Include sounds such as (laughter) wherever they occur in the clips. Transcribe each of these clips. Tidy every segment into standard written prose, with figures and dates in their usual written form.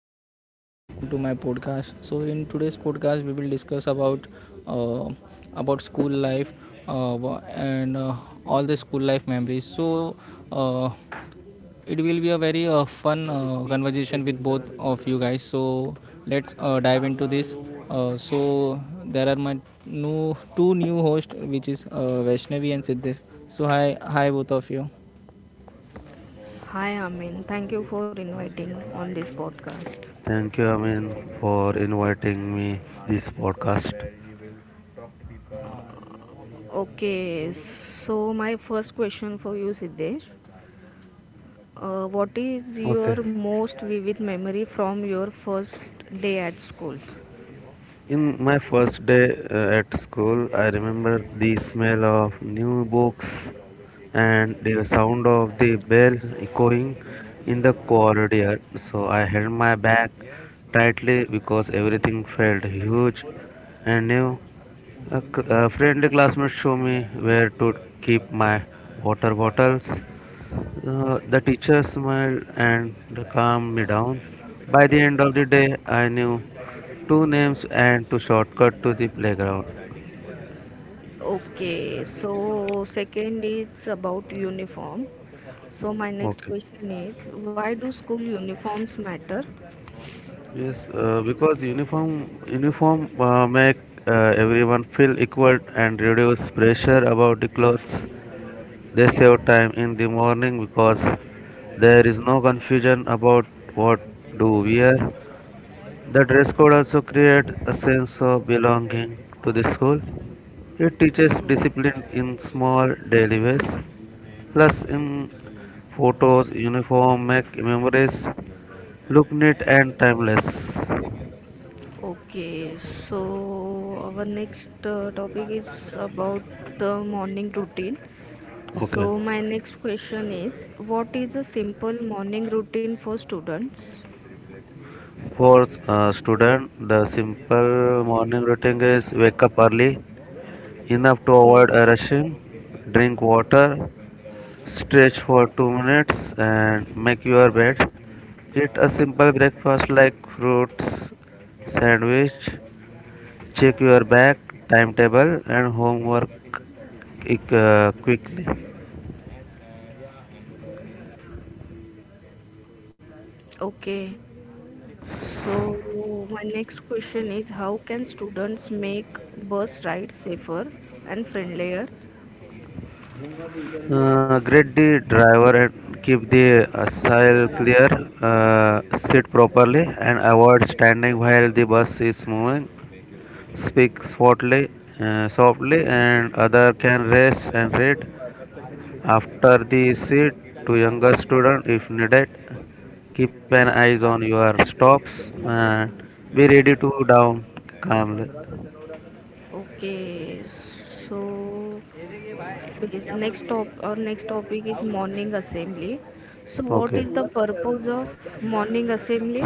and Siddesh, and welcome to my podcast. So, in today's podcast, we will discuss about uh, about school life and all the school life memories. So, uh, it will be a very fun conversation with both of you guys. So, let's dive into this. So, there are my new two new hosts, which is Vaishnavi and Siddesh. So, hi, both of you. Hi, Amin. Thank you for inviting on this podcast. Thank you, Amin, for inviting me this podcast. Okay, so my first question for you, Siddesh. What is Okay. your most vivid memory from your first day at school? In my first day at school, I remember the smell of new books and the sound of the bell echoing in the corridor. So I held my bag tightly because everything felt huge and new. A friendly classmate showed me where to keep my water bottles. The teacher smiled and calmed me down. By the end of the day, I knew two names and two shortcut to the playground. Okay, so second is about uniform. So my next Okay. question is, why do school uniforms matter? Yes, because uniform make everyone feel equal and reduce pressure about the clothes. They save time in the morning because there is no confusion about what do wear. The dress code also create a sense of belonging to the school. It teaches discipline in small daily ways, plus in photos, uniform, make memories look neat and timeless. Okay, so our next topic is about the morning routine. Okay. So my next question is, what is a simple morning routine for students? For student, the simple morning routine is wake up early, enough to avoid Yes. a rushing, drink water, stretch for 2 minutes, and make your bed. Eat a simple breakfast like fruits, sandwich. Check your back timetable and homework quickly. Okay. Yes. So my next question is, how can students make bus rides safer and friendlier? Grade the driver and keep the aisle clear, uh, sit properly, and avoid standing while the bus is moving. Speak softly, softly, and other can rest and read after the seat to younger student if needed. Keep an eyes on your stops and be ready to down calmly. Okay. So yes, next top our next topic is morning assembly. So what Okay. is the purpose of morning assembly?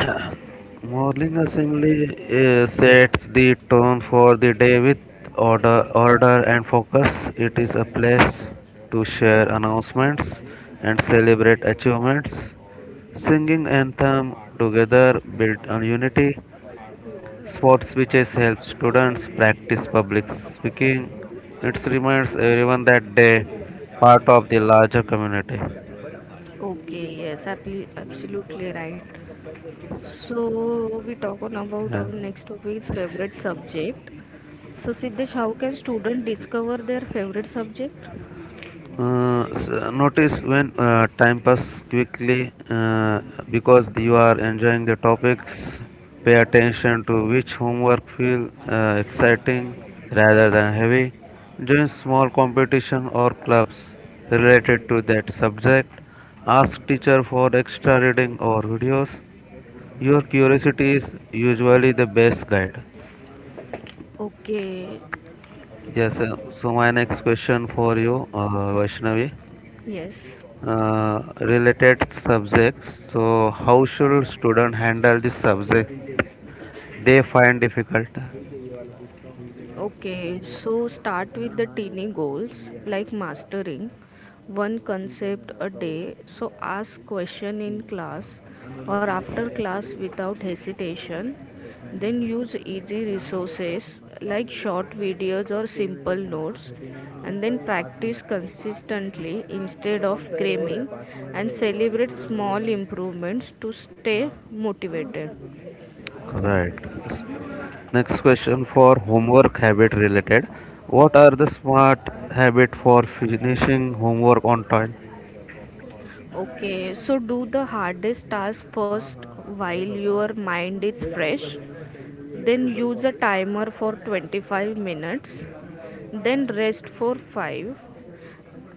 Morning assembly sets the tone for the day with order and focus. It is a place to share announcements and celebrate achievements. Singing anthem together build on unity. Sports speeches help students practice public speaking. It reminds everyone that they part of the larger community. Okay, yes, absolutely right. So we talk on about Yeah. our next topic is favorite subject. So Siddesh, how can student discover their favorite subject? So notice when time passes quickly because you are enjoying the topics. Pay attention to which homework feel exciting rather than heavy. Join small competition or clubs related to that subject. Ask teacher for extra reading or videos. Your curiosity is usually the best guide. Okay, Yes, so my next question for you, Vaishnavi. Uh, related subjects, so how should student handle this subject yes. they find difficult, Okay, so start with the teeny goals like mastering one concept a day. So ask question in class or after class without hesitation. Then use easy resources like short videos or simple notes, and then practice consistently instead of cramming and celebrate small improvements to stay motivated. right? S- next question for homework habit related, what are the smart habit for finishing homework on time? Okay, so do the hardest task first while your mind is fresh. Then use a timer for 25 minutes. Then rest for 5.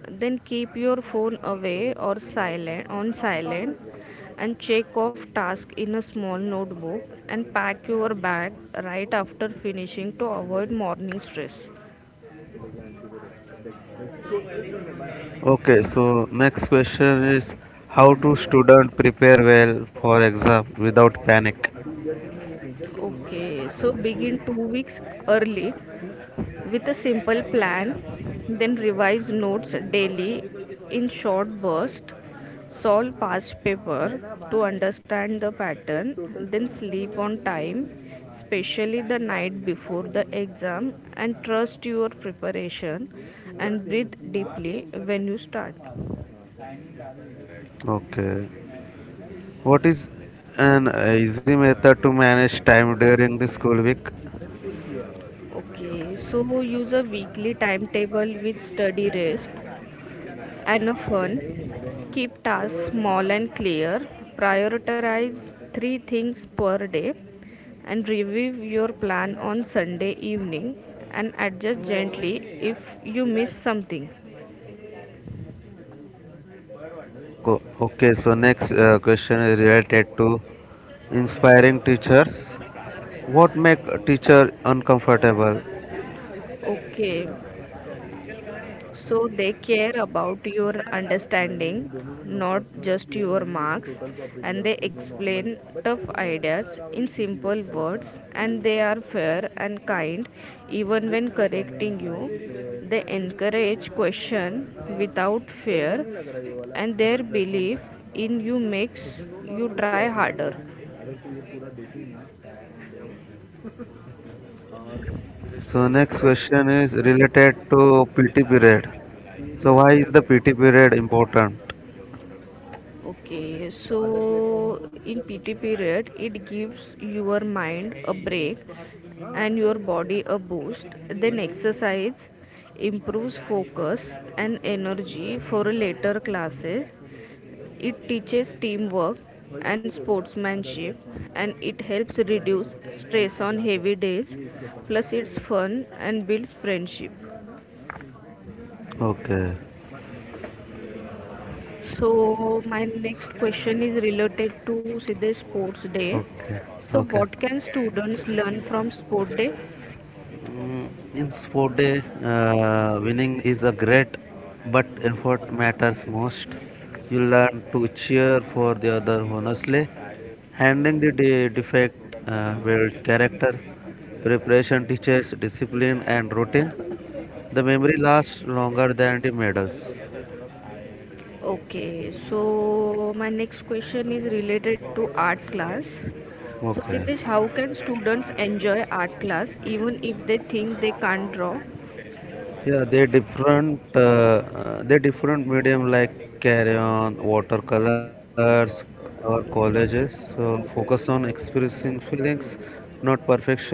Then keep your phone away or silent and check off task in a small notebook and pack your bag right after finishing to avoid morning stress. Okay, so next question is, how to student prepare well for exam without panic? Okay, so begin 2 weeks early with a simple plan, then revise notes daily in short bursts, solve past paper to understand the pattern, then sleep on time, especially the night before the exam, and trust your preparation and breathe deeply when you start. Okay, what is an easy method to manage time during the school week? Okay, so use a weekly timetable with study rest Anophan, keep tasks small and clear, prioritize three things per day, and review your plan on Sunday evening and adjust gently if you miss something. Okay, okay. So next question is related to inspiring teachers. What make a teacher uncomfortable? Okay, so they care about your understanding, not just your marks, and they explain tough ideas in simple words, and they are fair and kind even when correcting you. They encourage question without fear, and their belief in you makes you try harder. So next question is related to PT period. So why is the PT period important? Okay, so in PT period, it gives your mind a break and your body a boost. Then exercise improves focus and energy for later classes. It teaches teamwork and sportsmanship and it helps reduce stress on heavy days. Plus, it's fun and builds friendship. Okay, So my next question is related to Sidhe Sports Day. okay, So okay. what can students learn from Sport Day? Mm, in sport day, winning is a great, but effort matters most. You learn to cheer for the other honestly. Handling the defect builds character. Preparation teaches discipline and routine. The memory lasts longer than the medals. Okay, so my next question is related to art class. So Okay. Siddesh, how can students enjoy art class even if they think they can't draw? Yeah, they different. Uh, they different medium like carry on, watercolors, or colleges. So focus on expressing feelings, not perfection.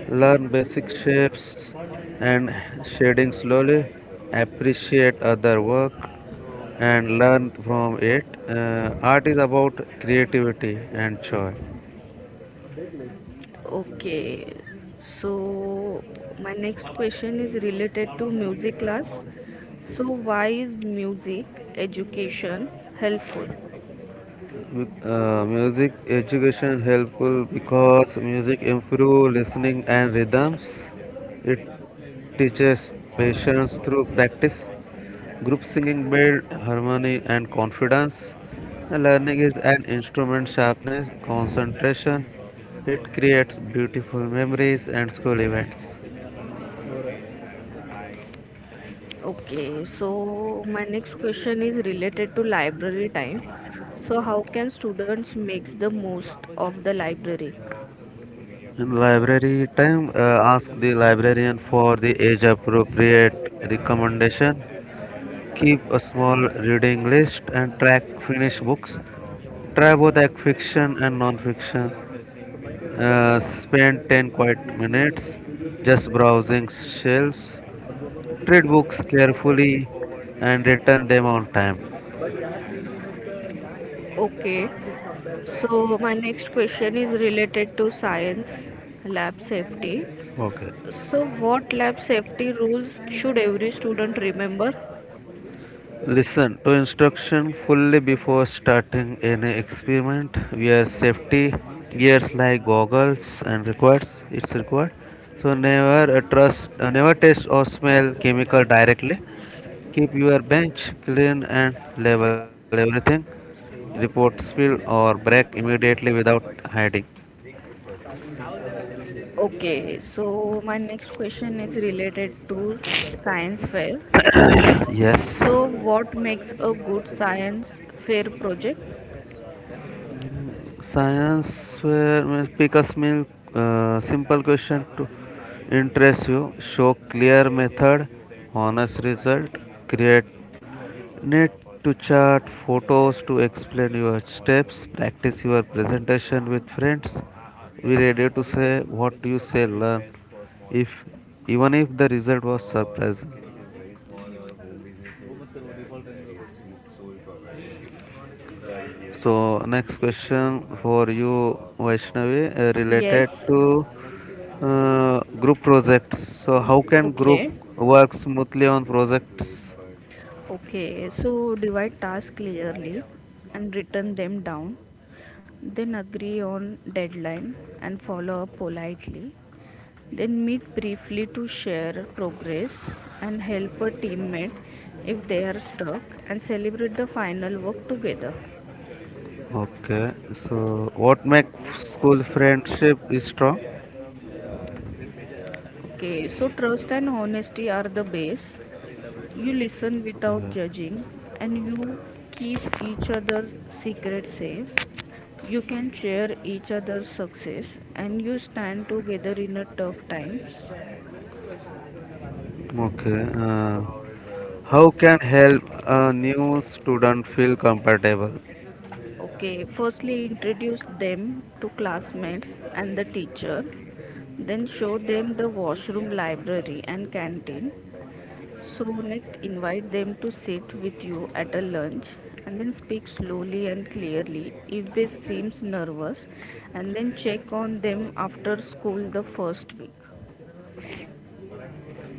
Learn basic shapes and shading slowly. Appreciate other work and learn from it. Art is about creativity and joy. Okay, so my next question is related to music class. So why is music education helpful? Mu- Music education helpful because music improve listening and rhythms. It teaches patience through practice. Group singing build harmony and confidence. And learning is an instrument sharpness, concentration. It creates beautiful memories and school events. Okay, so my next question is related to library time. So how can students makes the most of the library? In library time, ask the librarian for the age appropriate recommendation. Keep a small reading list and track finished books. Try both act fiction and non-fiction. Spend 10 quiet minutes just browsing shelves. Treat books carefully and return them on time. Okay. So my next question is related to science lab safety. Okay. So what lab safety rules should every student remember? Listen to instruction fully before starting any experiment. Wear safety gears like goggles and requires it's required. So never taste or smell chemical directly. Keep your bench clean and level everything. Report spill or break immediately without hiding. Okay, so my next question is related to science fair. (coughs) Yes. So what makes a good science fair project? Science fair pickers means pick a simple question to interest you. Show clear method, honest result. Create need to chart photos to explain your steps. Practice your presentation with friends. Be ready to say what you say learn if even if the result was surprising. So next question for you, Vaishnavi, related Yes. to group projects. So how can group Okay. work smoothly on projects? Okay, so divide tasks clearly and written them down. Then agree on deadline and follow up politely. Then meet briefly to share progress and help a teammate if they are stuck and celebrate the final work together. Okay. So what makes school friendship strong? Okay, so trust and honesty are the base. You listen without Uh, judging and you keep each other's secret safe. You can share each other's success and you stand together in a tough times. okay. Uh, how can help a new student feel comfortable? Okay, firstly introduce them to classmates and the teacher. Then show them the washroom, library and canteen. So, next, invite them to sit with you at a lunch and then speak slowly and clearly if they seems nervous and then check on them after school the first week. Uh,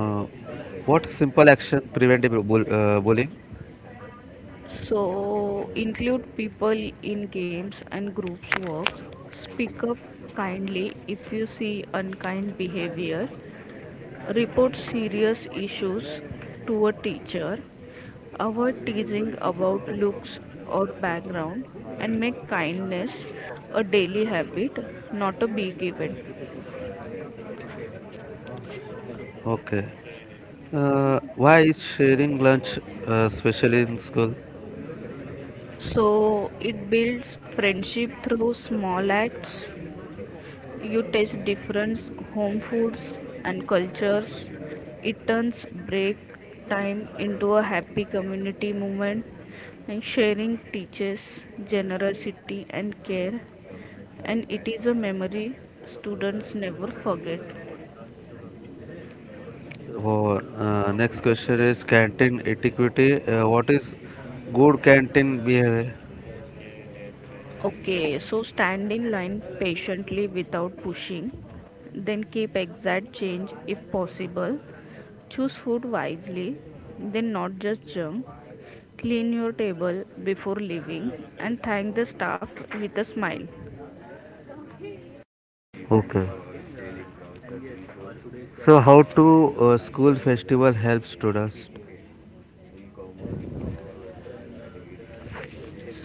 what simple action prevent the bullying? So, include people in games and groups works. Speak up kindly if you see unkind behavior. Report serious issues to a teacher. Avoid teasing about looks or background and make kindness a daily habit, not a big event. Okay. Why is sharing lunch, especially in school? So, it builds friendship through small acts. You taste different home foods and cultures. It turns break time into a happy community moment and sharing teaches generosity and care and it is a memory students never forget. Or next question is canteen etiquette. What is good canteen behavior? Okay, so stand in line patiently without pushing. Then keep exact change if possible. Choose food wisely, then not just junk. Clean your table before leaving and thank the staff with a smile. Okay. So how to school festival help students?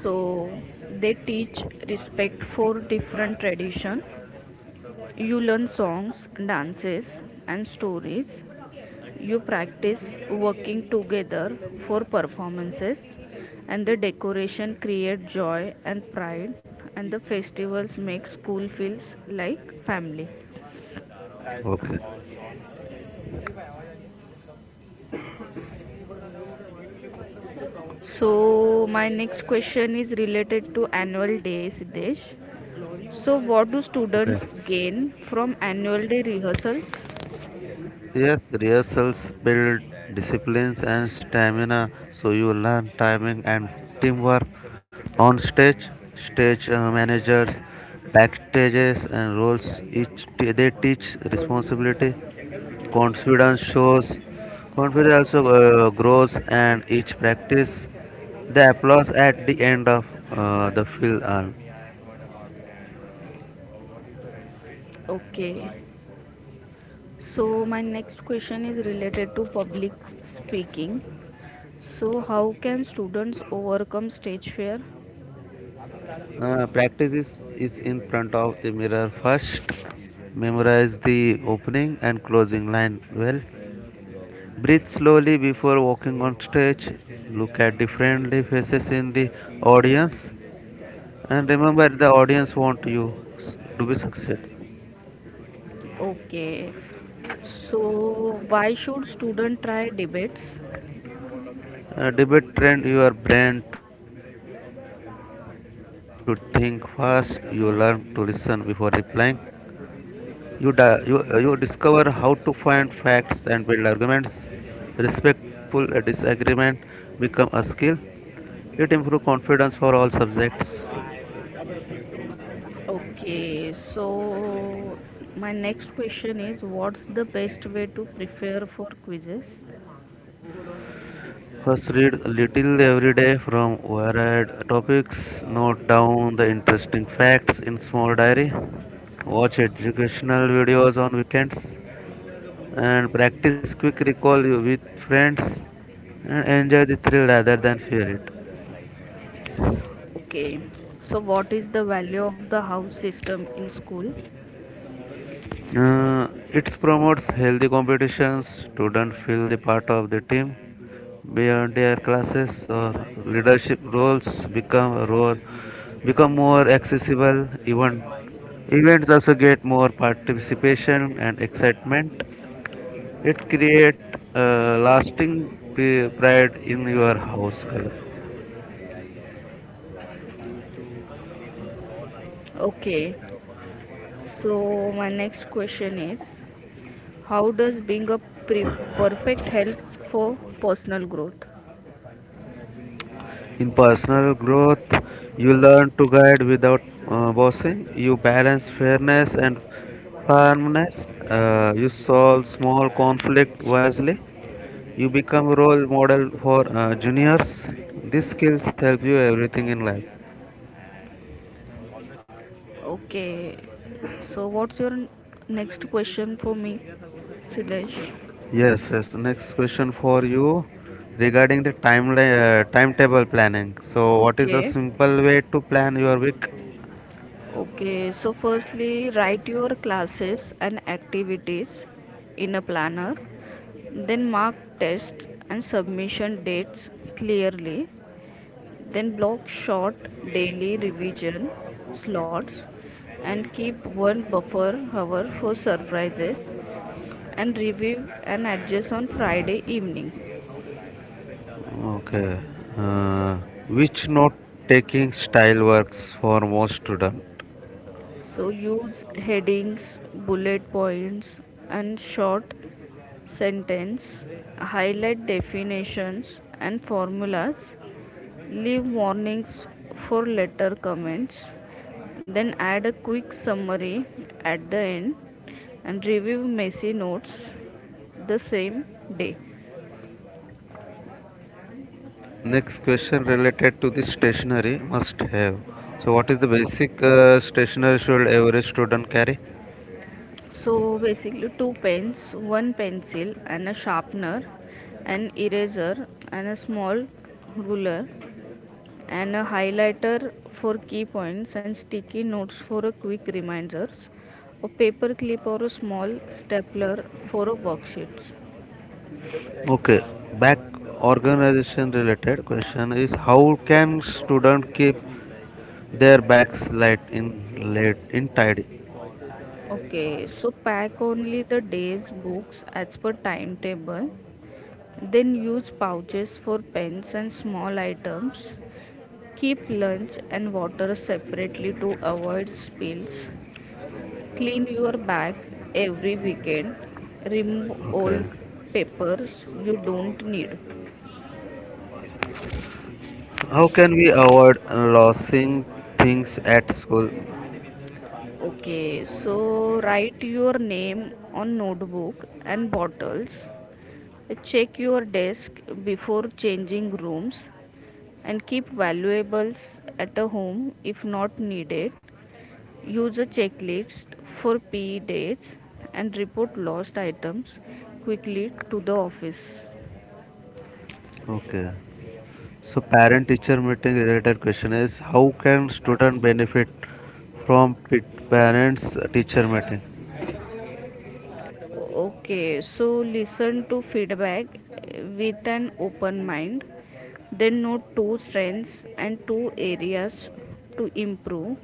So they teach respect for different tradition. You learn songs, dances and stories. You practice working together for performances, and the decoration create joy and pride, and the festivals make school feels like family. Okay. So my next question is related to annual day, Siddesh. So what do Okay. students gain from annual day rehearsals? Yes, rehearsals build disciplines and stamina, so you learn timing and teamwork on stage. Stage managers, backstages, and roles each they teach responsibility. Confidence shows. Confidence also grows, and each practice. The applause at the end of the film are Okay. So my next question is related to public speaking. So how can students overcome stage fear? Practice is in front of the mirror first. Memorize the opening and closing line well. Breathe slowly before walking on stage. Look at the friendly faces in the audience. And remember, the audience want you to be success. Okay, so why should student try debates? Debate train your brain to think fast. You learn to listen before replying. You discover how to find facts and build arguments. Respectful disagreement become a skill. It improves confidence for all subjects. Okay, so my next question is what's the best way to prepare for quizzes? First, read little every day from varied topics. Note down the interesting facts in small diary. Watch educational videos on weekends and practice quick recall with friends and enjoy the thrill rather than fear it. Okay, so what is the value of the house system in school? Uh, it promotes healthy competitions. Students feel the part of the team beyond their classes or leadership roles become more accessible. Even events also get more participation and excitement. It create lasting pride in your house color. Okay, so my next question is how does being a perfect help for personal growth? In personal growth, you learn to guide without bossing. You balance fairness and firmness. You solve small conflict wisely. You become role model for juniors. These skills help you everything in life. Okay, so what's your next question for me, Siddesh? Yes, yes. Next question for you regarding the timetable planning. So, what is a Okay, simple way to plan your week? okay. So, firstly, write your classes and activities in a planner, then mark tests and submission dates clearly, then block short daily revision slots and keep one buffer hour for surprises and review and adjust on Friday evening. Okay. Uh, which note taking style works for most student? So use headings, bullet points, and short sentence. Highlight definitions and formulas. Leave warnings for later comments. Then add a quick summary at the end and review messy notes the same day. Next question related to the stationery must have. So, what is the basic stationery should every student carry? So basically, two pens, one pencil, and a sharpener, an eraser, and a small ruler, and a highlighter for key points, and sticky notes for a quick reminders, a paper clip or a small stapler for a worksheets. Okay. Back organization related question is, how can student keep their bags light in late in tidy? Okay, so pack only the day's books as per timetable. Then use pouches for pens and small items. Keep lunch and water separately to avoid spills. Clean your bag every weekend. Remove Okay. old papers you don't need. How can we avoid losing things at school? Okay, so write your name on notebook and bottles. Check your desk before changing rooms and keep valuables at a home if not needed. Use a checklist for PE dates and report lost items quickly to the office. Okay. So parent-teacher meeting related question is, how can student benefit from parents-teacher meeting? Okay, so listen to feedback with an open mind. Then note two strengths and two areas to improve.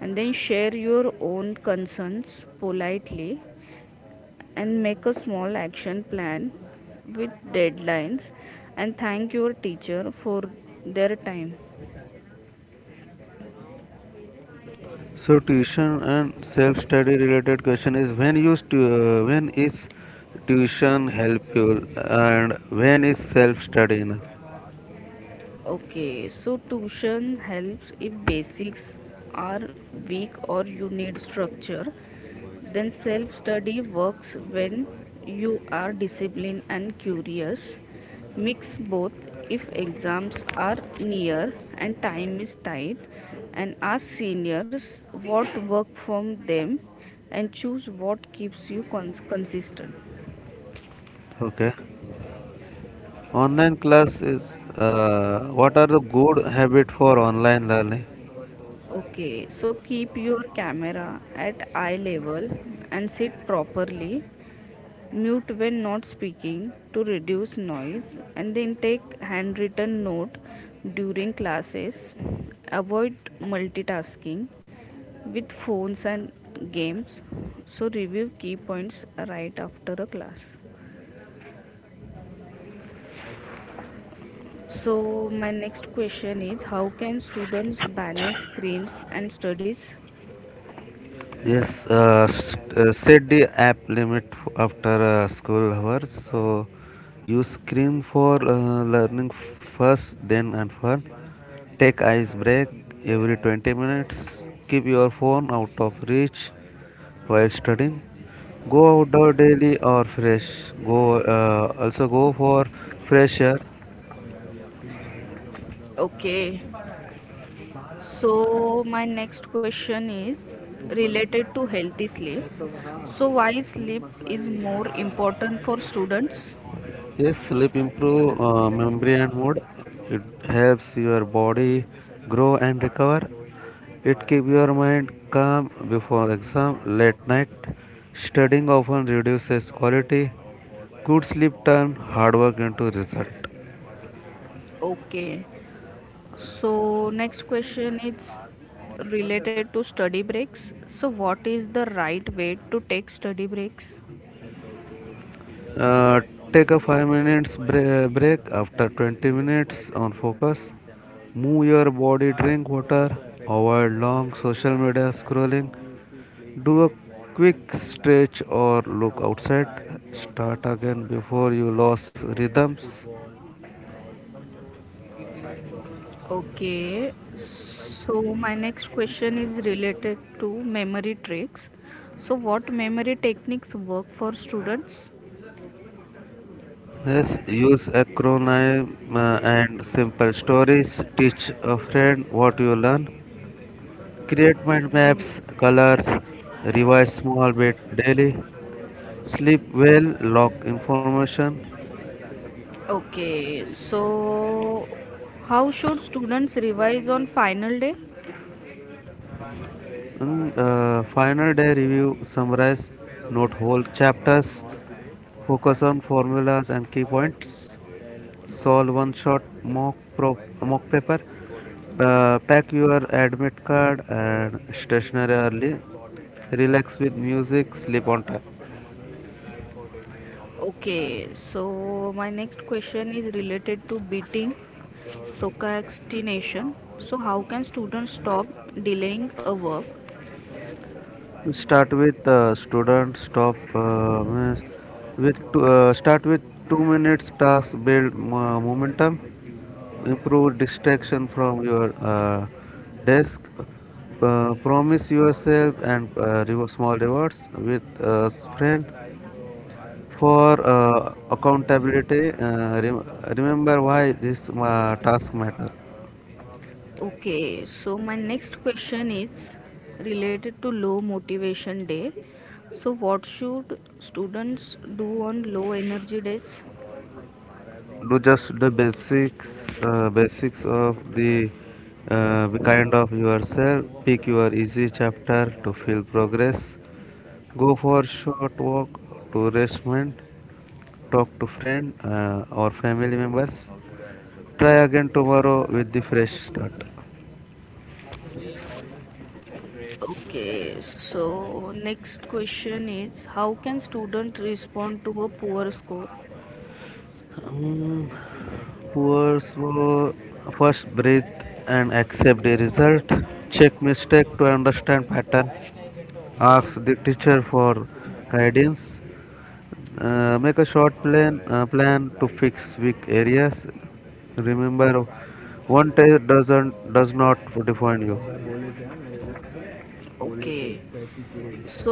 And then share your own concerns politely and make a small action plan with deadlines and thank your teacher for their time. So tuition and self-study related question is, when is tuition help you and when is self-study enough? Okay, so tuition helps if basics are weak or you need structure. Then self study works when you are disciplined and curious. Mix both if exams are near and time is tight and ask seniors what work from them and choose what keeps you consistent. Okay. Online class is, what are the good habit for online learning? Okay, so keep your camera at eye level and sit properly. Mute when not speaking to reduce noise and then take handwritten note during classes. Avoid multitasking with phones and games. So review key points right after a class. So my next question is how can students balance screens and studies? Yes, set the app limit after school hours. So use screen for learning first, then and fun. Take ice break every 20 minutes. Keep your phone out of reach while studying. Go outdoor daily or fresh. Go also go for fresh air. Okay. So, my next question is related to healthy sleep. So, why sleep is more important for students? Yes, sleep improve memory and mood. It helps your body grow and recover. It keep your mind calm before exam, late night studying often reduces quality. Good sleep turn hard work into result. Okay. So, next question is related to study breaks. So, what is the right way to take study breaks? Uh, Take a 5 minutes break after 20 minutes on focus. Move your body, drink water, avoid long social media scrolling, do a quick stretch or look outside. Start again before you lose rhythms. Okay. So, my next question is related to memory tricks. So, what memory techniques work for students? Yes, use acronym and simple stories. Teach a friend what you learn. Create mind maps, colors, revise small bit daily, sleep well, log information. Okay, so how should students revise on final day? In final day review, summarize, note whole chapters, focus on formulas and key points, solve one shot mock, mock paper, pack your admit card and stationery early, relax with music, sleep on time. Okay, so my next question is related to beating procrastination. So how can students stop delaying a work? Start with student stop means with two, Start with 2 minutes task build momentum, improve distraction from your desk, promise yourself and small rewards with friend for accountability. Remember why this task matter. Okay, so my next question is related to low motivation day. So what should students do on low energy days? Do just the basics, basics of the kind of yourself, pick your easy chapter to feel progress, go for short walk to restaurant, talk to friend or family members, try again tomorrow with the fresh start. Okay, so next question is how can student respond to a poor score? Mm, poor slow, first breathe and accept the result. Check mistake to understand pattern. Ask the teacher for guidance. Make a short plan plan to fix weak areas. Remember, one test does not define you. Okay, so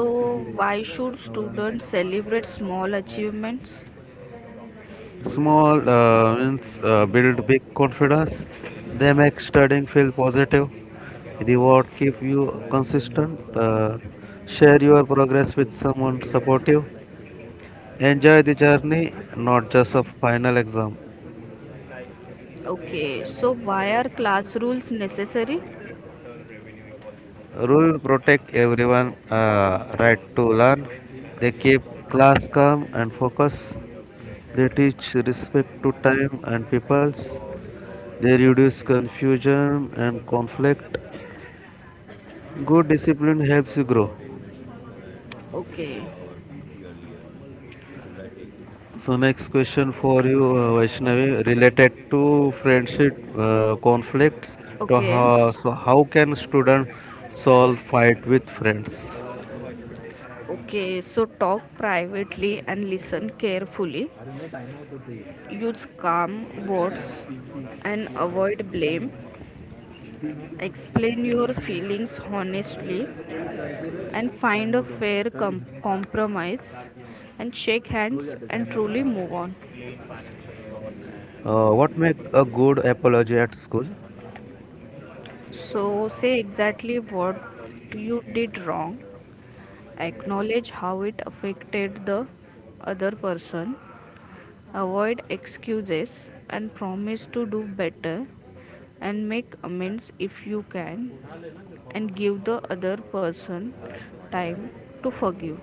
why should students celebrate small achievements? Small wins build big confidence. They make studying feel positive. Reward keep you consistent. Share your progress with someone supportive. Enjoy the journey, not just a final exam. Okay, so why are class rules necessary? Rule protect everyone right to learn. They keep class calm and focus. They teach respect to time and peoples. They reduce confusion and conflict. Good discipline helps you grow. Okay, So next question for you, Vaishnavi, related to friendship conflicts. To okay. how, so how can student solve fight with friends? Okay, so talk privately and listen carefully. Use calm words and avoid blame. Explain your feelings honestly and find a fair compromise and shake hands and truly move on. What make a good apology at school? So, say exactly what you did wrong, acknowledge how it affected the other person. Avoid excuses and promise to do better and make amends if you can and give the other person time to forgive.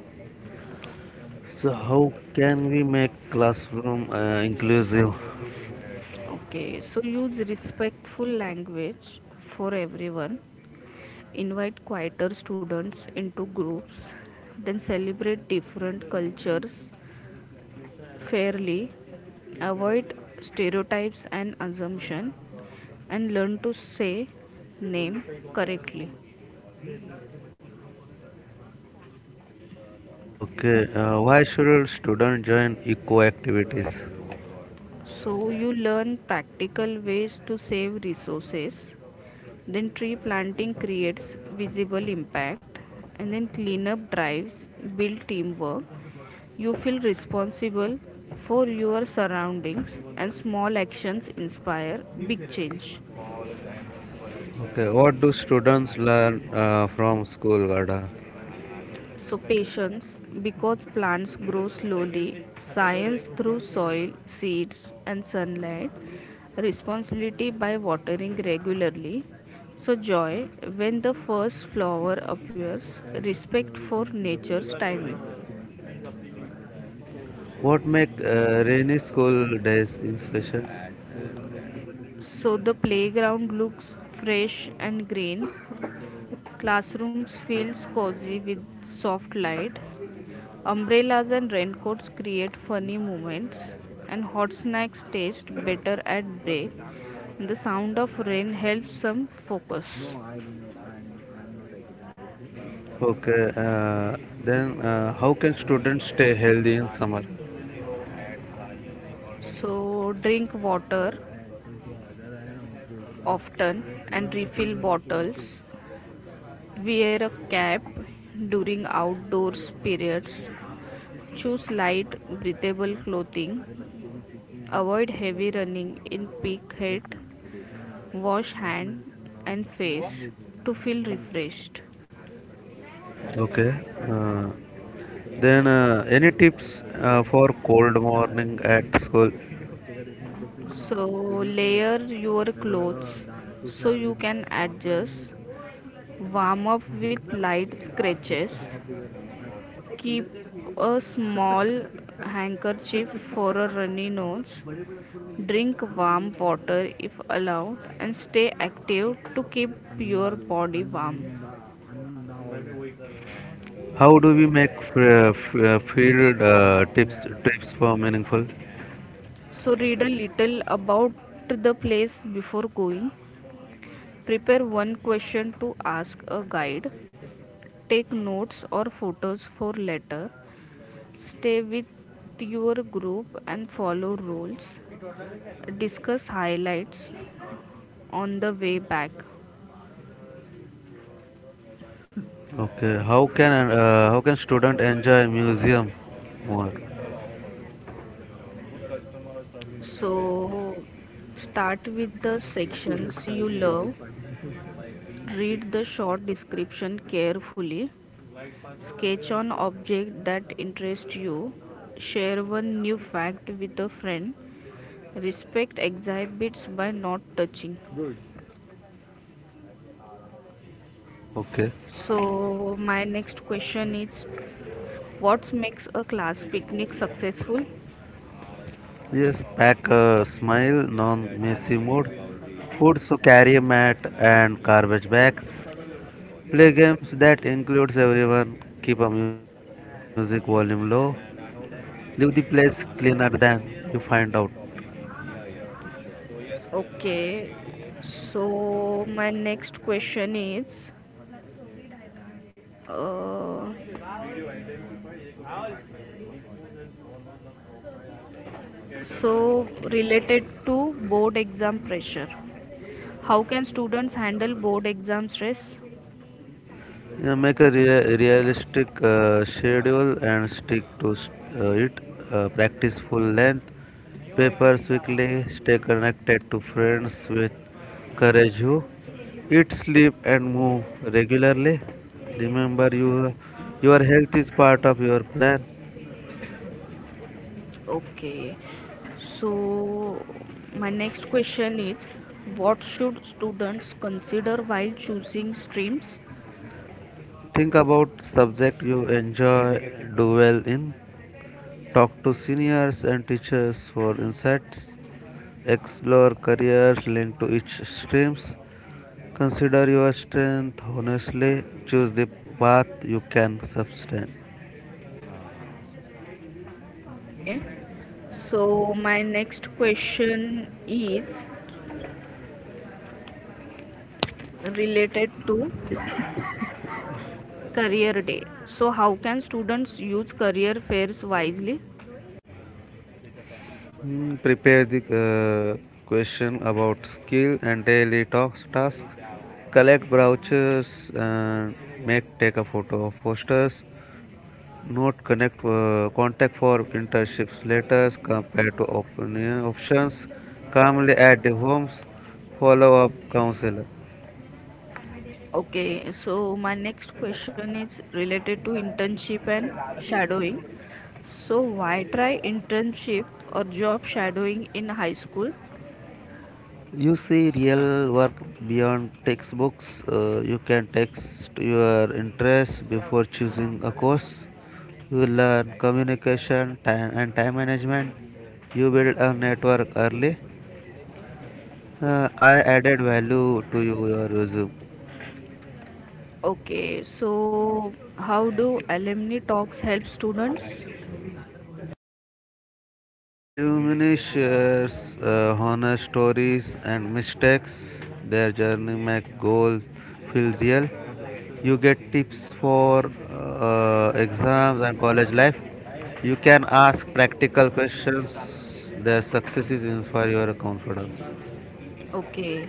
So how can we make classroom inclusive? Okay, so use respectful language for everyone. Invite quieter students into groups, then celebrate different cultures fairly. Avoid stereotypes and assumption and learn to say name correctly. Okay, why should students join eco activities? So you learn practical ways to save resources. Then tree planting creates visible impact and then cleanup drives build teamwork. You feel responsible for your surroundings and small actions inspire big change. Okay, what do students learn from school, Garda? So patience, because plants grow slowly, science through soil, seeds and sunlight, responsibility by watering regularly. So joy when the first flower appears, respect for nature's timing. What make rainy school days in special? So the playground looks fresh and green, classrooms feels cozy with soft light, umbrellas and raincoats create funny moments, and hot snacks taste better at break. The sound of rain helps some focus. Okay, then how can students stay healthy in summer? So, drink water often and refill bottles. Wear a cap during outdoors periods. Choose light, breathable clothing. Avoid heavy running in peak heat. Wash hand and face to feel refreshed. Okay, uh, then any tips for cold morning at school? So layer your clothes so you can adjust, warm up with light scratches, keep a small handkerchief for a runny nose, drink warm water if allowed, and stay active to keep your body warm. How do we make field tips trips for meaningful? So read a little about the place before going. Prepare one question to ask a guide. Take notes or photos for later. Stay with your group and follow rules. Discuss highlights on the way back. Okay, how can student enjoy museum more? So, start with the sections you love. Read the short description carefully. Sketch on object that interests you. Share one new fact with a friend. Respect exhibits by not touching. Good. Okay. So my next question is, what makes a class picnic successful? Yes, pack a smile, non messy mood, foods to carry a mat and garbage bags, play games that includes everyone, keep a music volume low, leave the place cleaner than you find out. Okay. So my next question is uh, so related to board exam pressure. How can students handle board exam stress? Yeah, make a realistic schedule and stick to it. Practice full length papers weekly. Stay connected to friends with courage who eat, sleep, and move regularly. Remember, your health is part of your plan. Okay. So my next question is, what should students consider while choosing streams? Think about subject you enjoy, do well in. Talk to seniors and teachers for insights. Explore careers linked to each streams. Consider your strength honestly. Choose the path you can sustain. Okay. So my next question is related to career day. So how can students use career fairs wisely? Hmm, prepare the question about skill and daily talks tasks. Collect brochures and make take a photo of posters. Note connect contact for printerships. Letters compare to opinion options. Calmly at the homes. Follow up counselor. Okay, so my next question is related to internship and shadowing. So why try internship or job shadowing in high school? You see real work beyond textbooks. You can text your interests before choosing a course. You learn communication time and time management. You build a network early. I added value to your resume. Okay, so how do alumni talks help students? Alumni shares honest stories and mistakes their journey make goals feel real. You get tips for exams and college life. You can ask practical questions. Their successes inspire your confidence. Okay,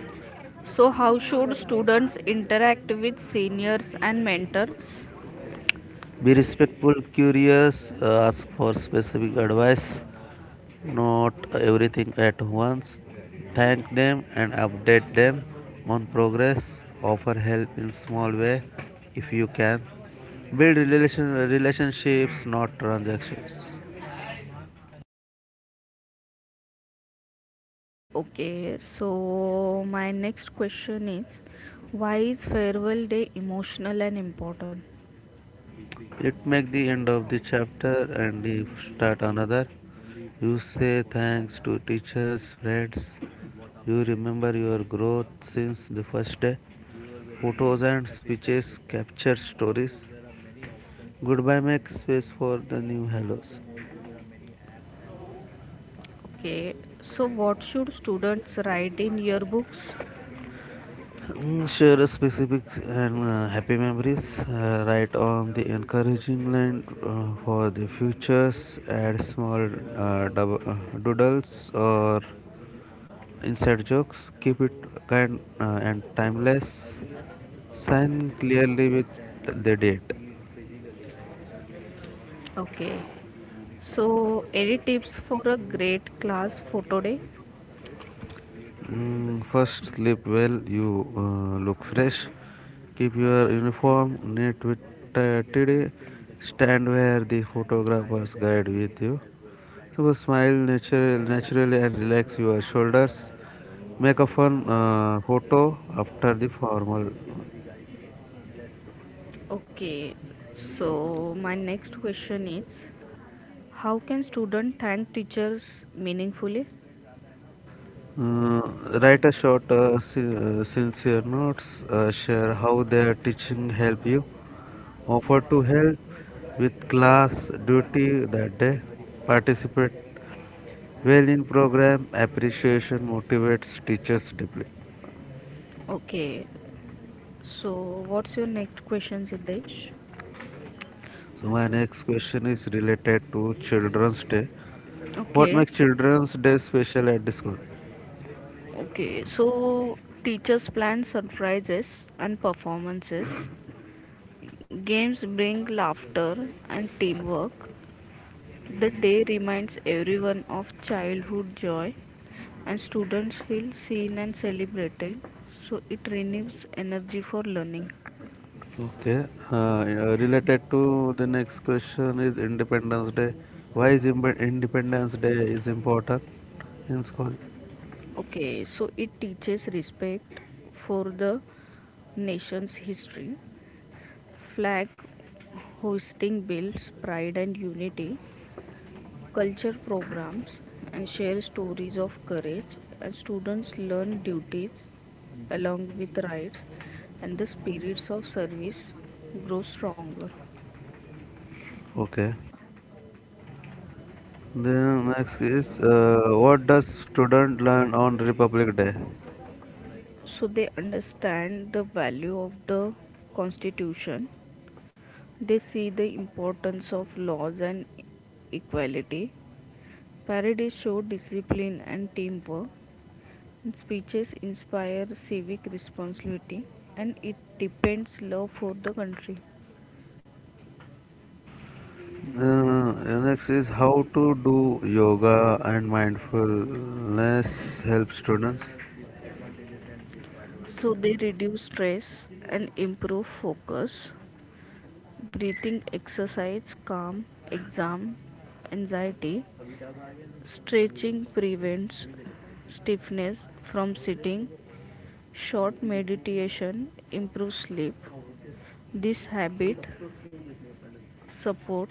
so how should students interact with seniors and mentors? Be respectful, curious, ask for specific advice, not everything at once. Thank them and update them on progress. Offer help in small way if you can. Build relationships, not transactions. Okay, so my next question is, why is farewell day emotional and important? It make the end of the chapter and the start another. You say thanks to teachers, friends. You remember your growth since the first day. Photos and speeches capture stories. Goodbye makes space for the new hellos. Okay, so what should students write in yearbooks? Mm, share specifics and happy memories. Write on the encouraging line for the futures. Add small uh, dub- uh, doodles or inside jokes. Keep it kind and timeless. Sign clearly with the date. Okay, so any tips for a great class photo day? Mm, first, sleep well, you look fresh, keep your uniform neat with tidy, stand where the photographer's guide with you. So, smile naturally and relax your shoulders. Make a fun photo after the formal. Okay, so my next question is, how can student thank teachers meaningfully? Uh, Write a short, sincere notes. Share how their teaching help you. Offer to help with class duty that day. Participate well in program. Appreciation motivates teachers deeply. Okay. So what's your next question, Siddesh? So my next question is related to Children's Day. What Okay. makes Children's Day special at the school? Okay. So teachers plan surprises and performances. Games bring laughter and teamwork. The day reminds everyone of childhood joy and students feel seen and celebrated. So it renews energy for learning. Okay, yeah, related to the next question is Independence Day. Why is Independence Day is important in school? Okay, so it teaches respect for the nation's history. Flag hosting builds pride and unity, culture programs, and share stories of courage. And students learn duties along with rights, and the spirits of service grow stronger. Okay. Then next is what does student learn on Republic Day? So they understand the value of the constitution. They see the importance of laws and equality. Parades show discipline and teamwork. Speeches inspire civic responsibility and it depends love for the country. Next is how to do yoga and mindfulness help students. So they reduce stress and improve focus. Breathing exercise calm exam anxiety. Stretching prevents stiffness from sitting. Short meditation improves sleep. This habit supports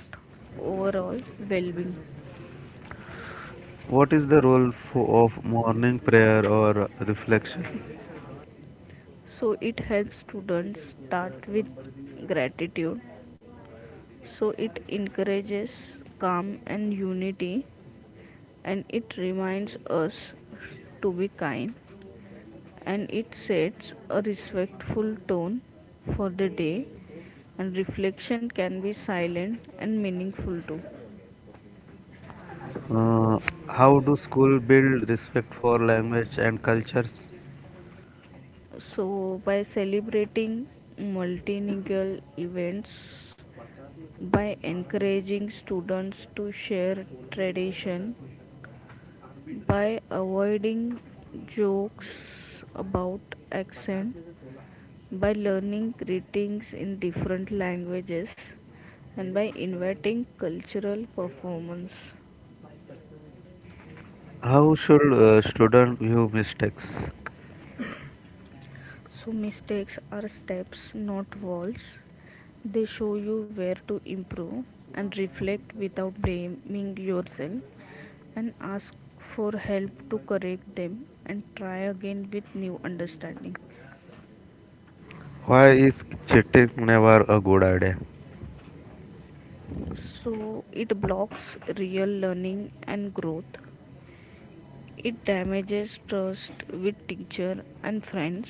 overall well-being. What is the role of morning prayer or reflection? So it helps students start with gratitude, so it encourages calm and unity, and it reminds us to be kind, and it sets a respectful tone for the day, and reflection can be silent and meaningful too. Uh, how do school build respect for language and cultures? So by celebrating multilingual events, by encouraging students to share tradition, by avoiding jokes about accent, by learning greetings in different languages, and by inviting cultural performance. How should students view mistakes? So, mistakes are steps, not walls. They show you where to improve and reflect without blaming yourself, and ask for help to correct them, and try again with new understanding. Why is cheating never a good idea? So it blocks real learning and growth. It damages trust with teacher and friends.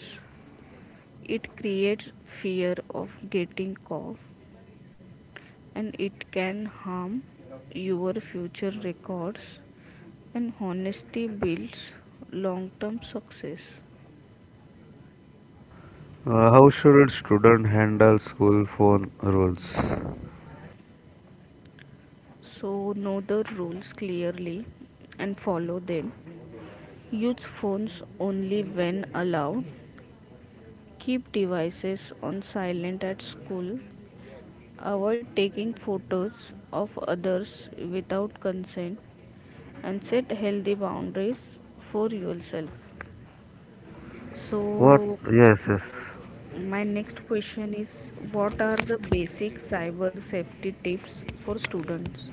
It creates fear of getting caught, and it can harm your future records, and honesty builds long-term success. How should student handle school phone rules? So know the rules clearly and follow them. Use phones only when allowed. Keep devices on silent at school. Avoid taking photos of others without consent, and set healthy boundaries for yourself. What? So, Yes, yes. my next question is, what are the basic cyber safety tips for students?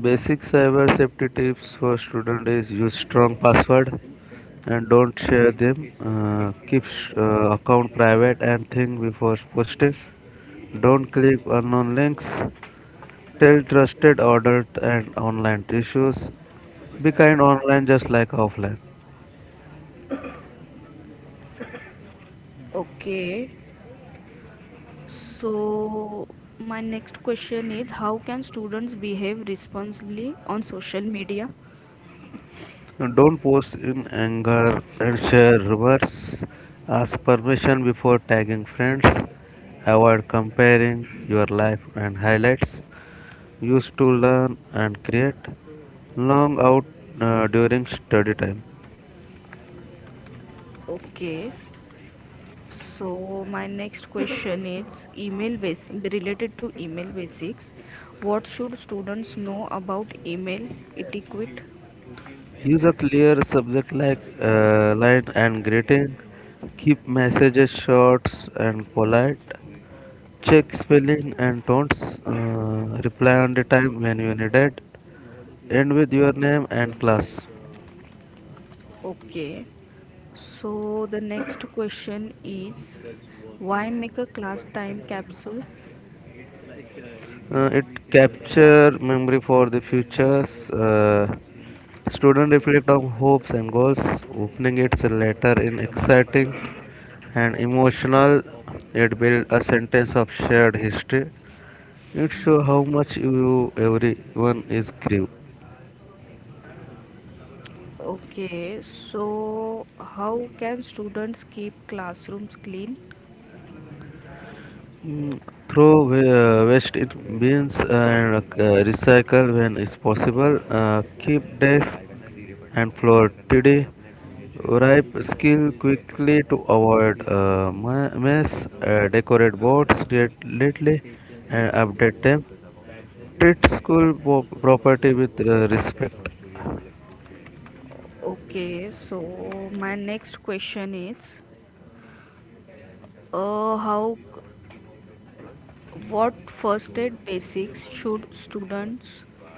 Basic cyber safety tips for student is use strong password and don't share them. Keep account private and think before posting. Don't click unknown links. Tell trusted adult and online issues. Be kind online just like offline. Okay, so my next question is, how can students behave responsibly on social media? Don't post in anger and share reverse. Ask permission before tagging friends. Avoid comparing your life and highlights. Use to learn and create. Long out during study time. Okay, so my next question is email base related to email basics. What should students know about email etiquette? Use a clear subject like line and greeting. Keep messages short and polite. Check spelling and tones. Reply on the time when you need it. End with your name and class. Okay. So the next question is, why make a class time capsule? It capture memory for the futures. Student reflect on hopes and goals. Opening its letter in exciting and emotional. It build a sentence of shared history. It shows how much you everyone is give. Okay. So how can students keep classrooms clean? Mm, throw waste in bins and recycle when is possible. Keep desk and floor tidy. Ripe skill quickly to avoid mess. Decorate boards little and update them. Treat school property with respect. Okay. So my next question is how What first aid basics should students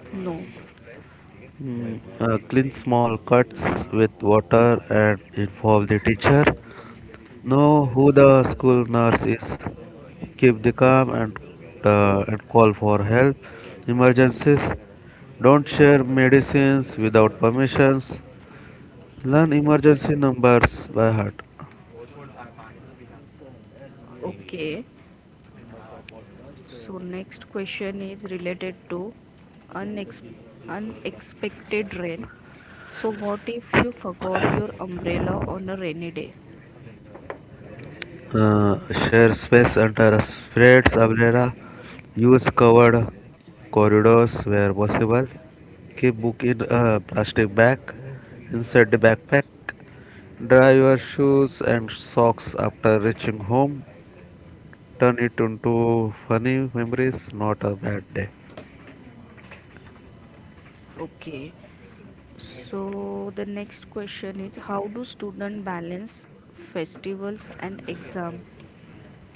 know? Mm, clean small cuts with water and involve the teacher. Know who the school nurse is. Keep the calm and and call for help. Emergencies. Don't share medicines without permissions. Learn emergency numbers by heart. Okay, so next question is related to unex- unexpected rain. So, what if you forgot your umbrella on a rainy day? Uh, Share space under spreads umbrella. Use covered corridors where possible. Keep book in a plastic bag. Inside the backpack. Dry your shoes and socks after reaching home. Turn it into funny memories, not a bad day. Okay, so the next question is, how do students balance festivals and exam?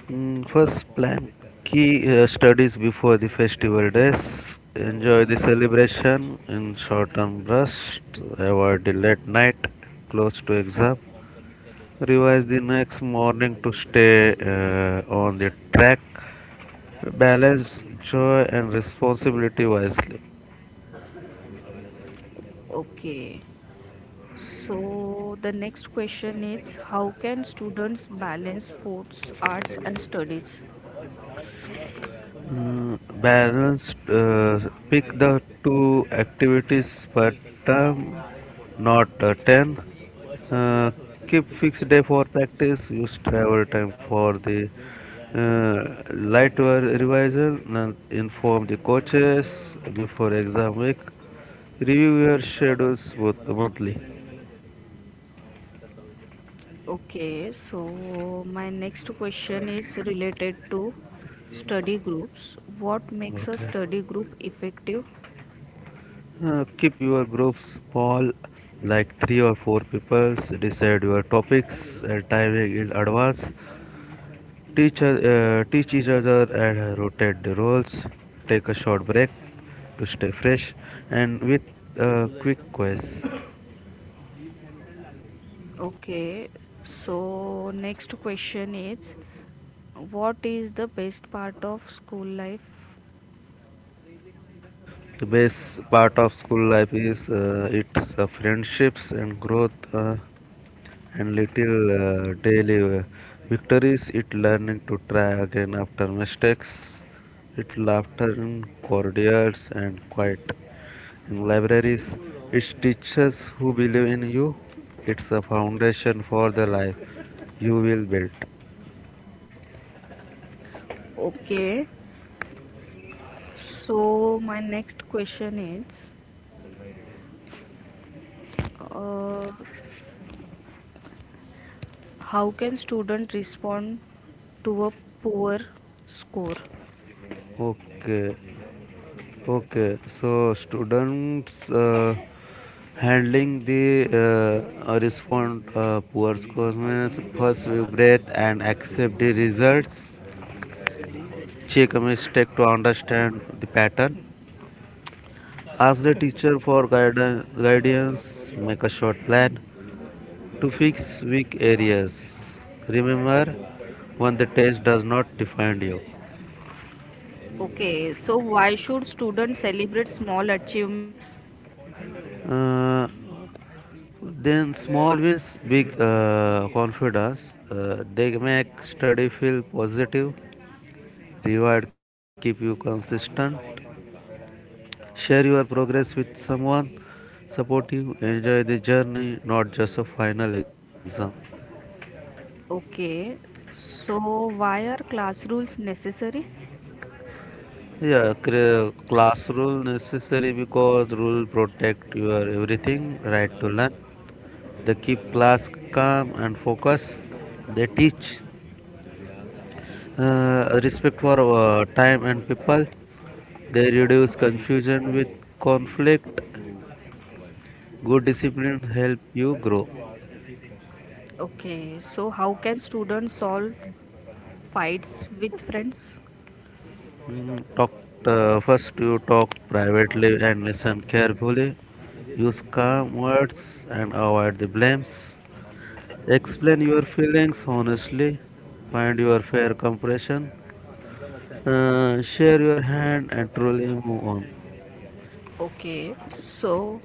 Mm, first, plan key studies before the festival days. Enjoy the celebration in short term rest. Avoid the late night close to exam. Revise the next morning to stay on the track. Balance joy and responsibility wisely. Okay, so the next question is, how can students balance sports, arts and studies? Mm, balance pick the two activities per term, not 10. Uh, Keep fixed day for practice, use travel time for the revision, and inform the coaches before exam week. Review your schedules both monthly. Okay, so my next question is related to study groups. What makes a Okay. study group effective? Keep your groups small, like three or four people. Decide your topics and timing in advance. Teach each other and rotate the roles. Take a short break to stay fresh and with a quick quiz. Okay, so next question is, what is the best part of school life? The best part of school life is its friendships and growth and little daily victories. It learning to try again after mistakes. It laughter in corridors and quiet in libraries. It teaches who believe in you. It's a foundation for the life you will build. Okay, so my next question is uh, how can student respond to a poor score? Okay. Okay, so students handling the respond poor scores means first we breathe and accept the results. Check a mistake to understand the pattern. Ask the teacher for guidance. Make a short plan to fix weak areas. Remember, when the test does not define you. Okay, so why should students celebrate small achievements? Uh, Then small wins, big confidence. They make study feel positive. Reward keep you consistent. Share your progress with someone. Support you. Enjoy the journey, not just a final exam. Okay, so why are class rules necessary? Yeah, class rule necessary because rule protect your everything right to learn. They keep class calm and focus. They teach. Respect for time and people. They reduce confusion with conflict. Good discipline help you grow. Okay, so how can students solve fights with friends? Mm, talk first. You talk privately and listen carefully. Use calm words and avoid the blames. Explain your feelings honestly. Find your fair compression. Share your hand and truly move on. Okay, so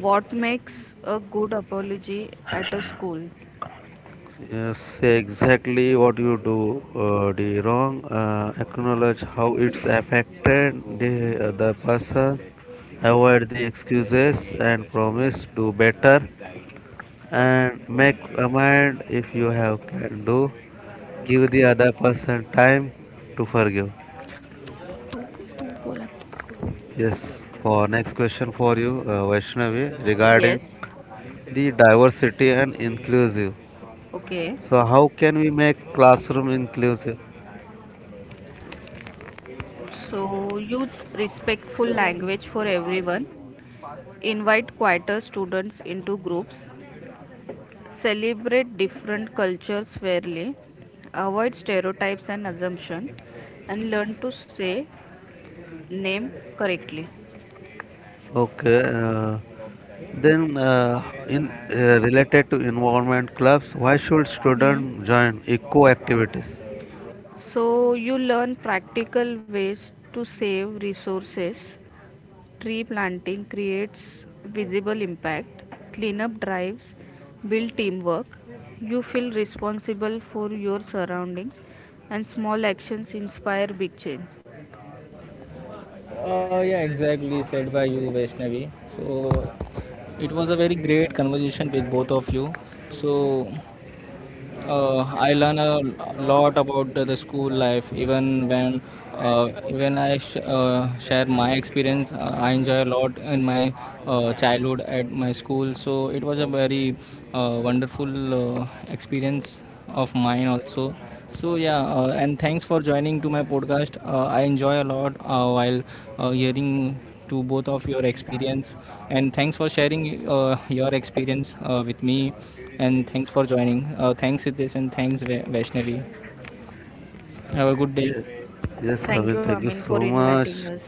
what makes a good apology at a school? Yes, exactly what you do the wrong. Acknowledge how it's affected the other person. Avoid the excuses and promise do better and make amend if you have can do. Give the other person time to forgive. Yes. For next question for you, Vaishnavi, regarding Yes, the diversity and inclusive. okay. So how can we make classroom inclusive? So use respectful language for everyone. Invite quieter students into groups. Celebrate different cultures fairly. Avoid stereotypes and assumption. And learn to say name correctly. Okay. Then, in Related to environment clubs, why should Hmm. students join eco activities? So you learn practical ways to save resources. Tree planting creates visible impact. Cleanup drives build teamwork. You feel responsible for your surroundings, and small actions inspire big change. Oh yeah, Yeah, exactly exactly said by said you, by you, Vaishnavi. Vaishnavi. So So it it was a was a very very great great conversation conversation with with both both of of you. you. So So uh, I I learned learn a a lot lot about the about the issues school life. life. Even Even then, uh, uh, when when I I uh, share share my my experience, experience, I I enjoy a enjoy a lot lot in in my my childhood. childhood at my school. So it was a very wonderful experience of mine also. So yeah, and thanks for joining to my podcast. I enjoy a lot while hearing to both of your experience, and thanks for sharing your experience with me, and thanks for joining, thanks Siddesh, and thanks Vaishnavi. Have a good day. Yes, yes, Thank Arvind, you, thank you Amin, so for much. inviting us.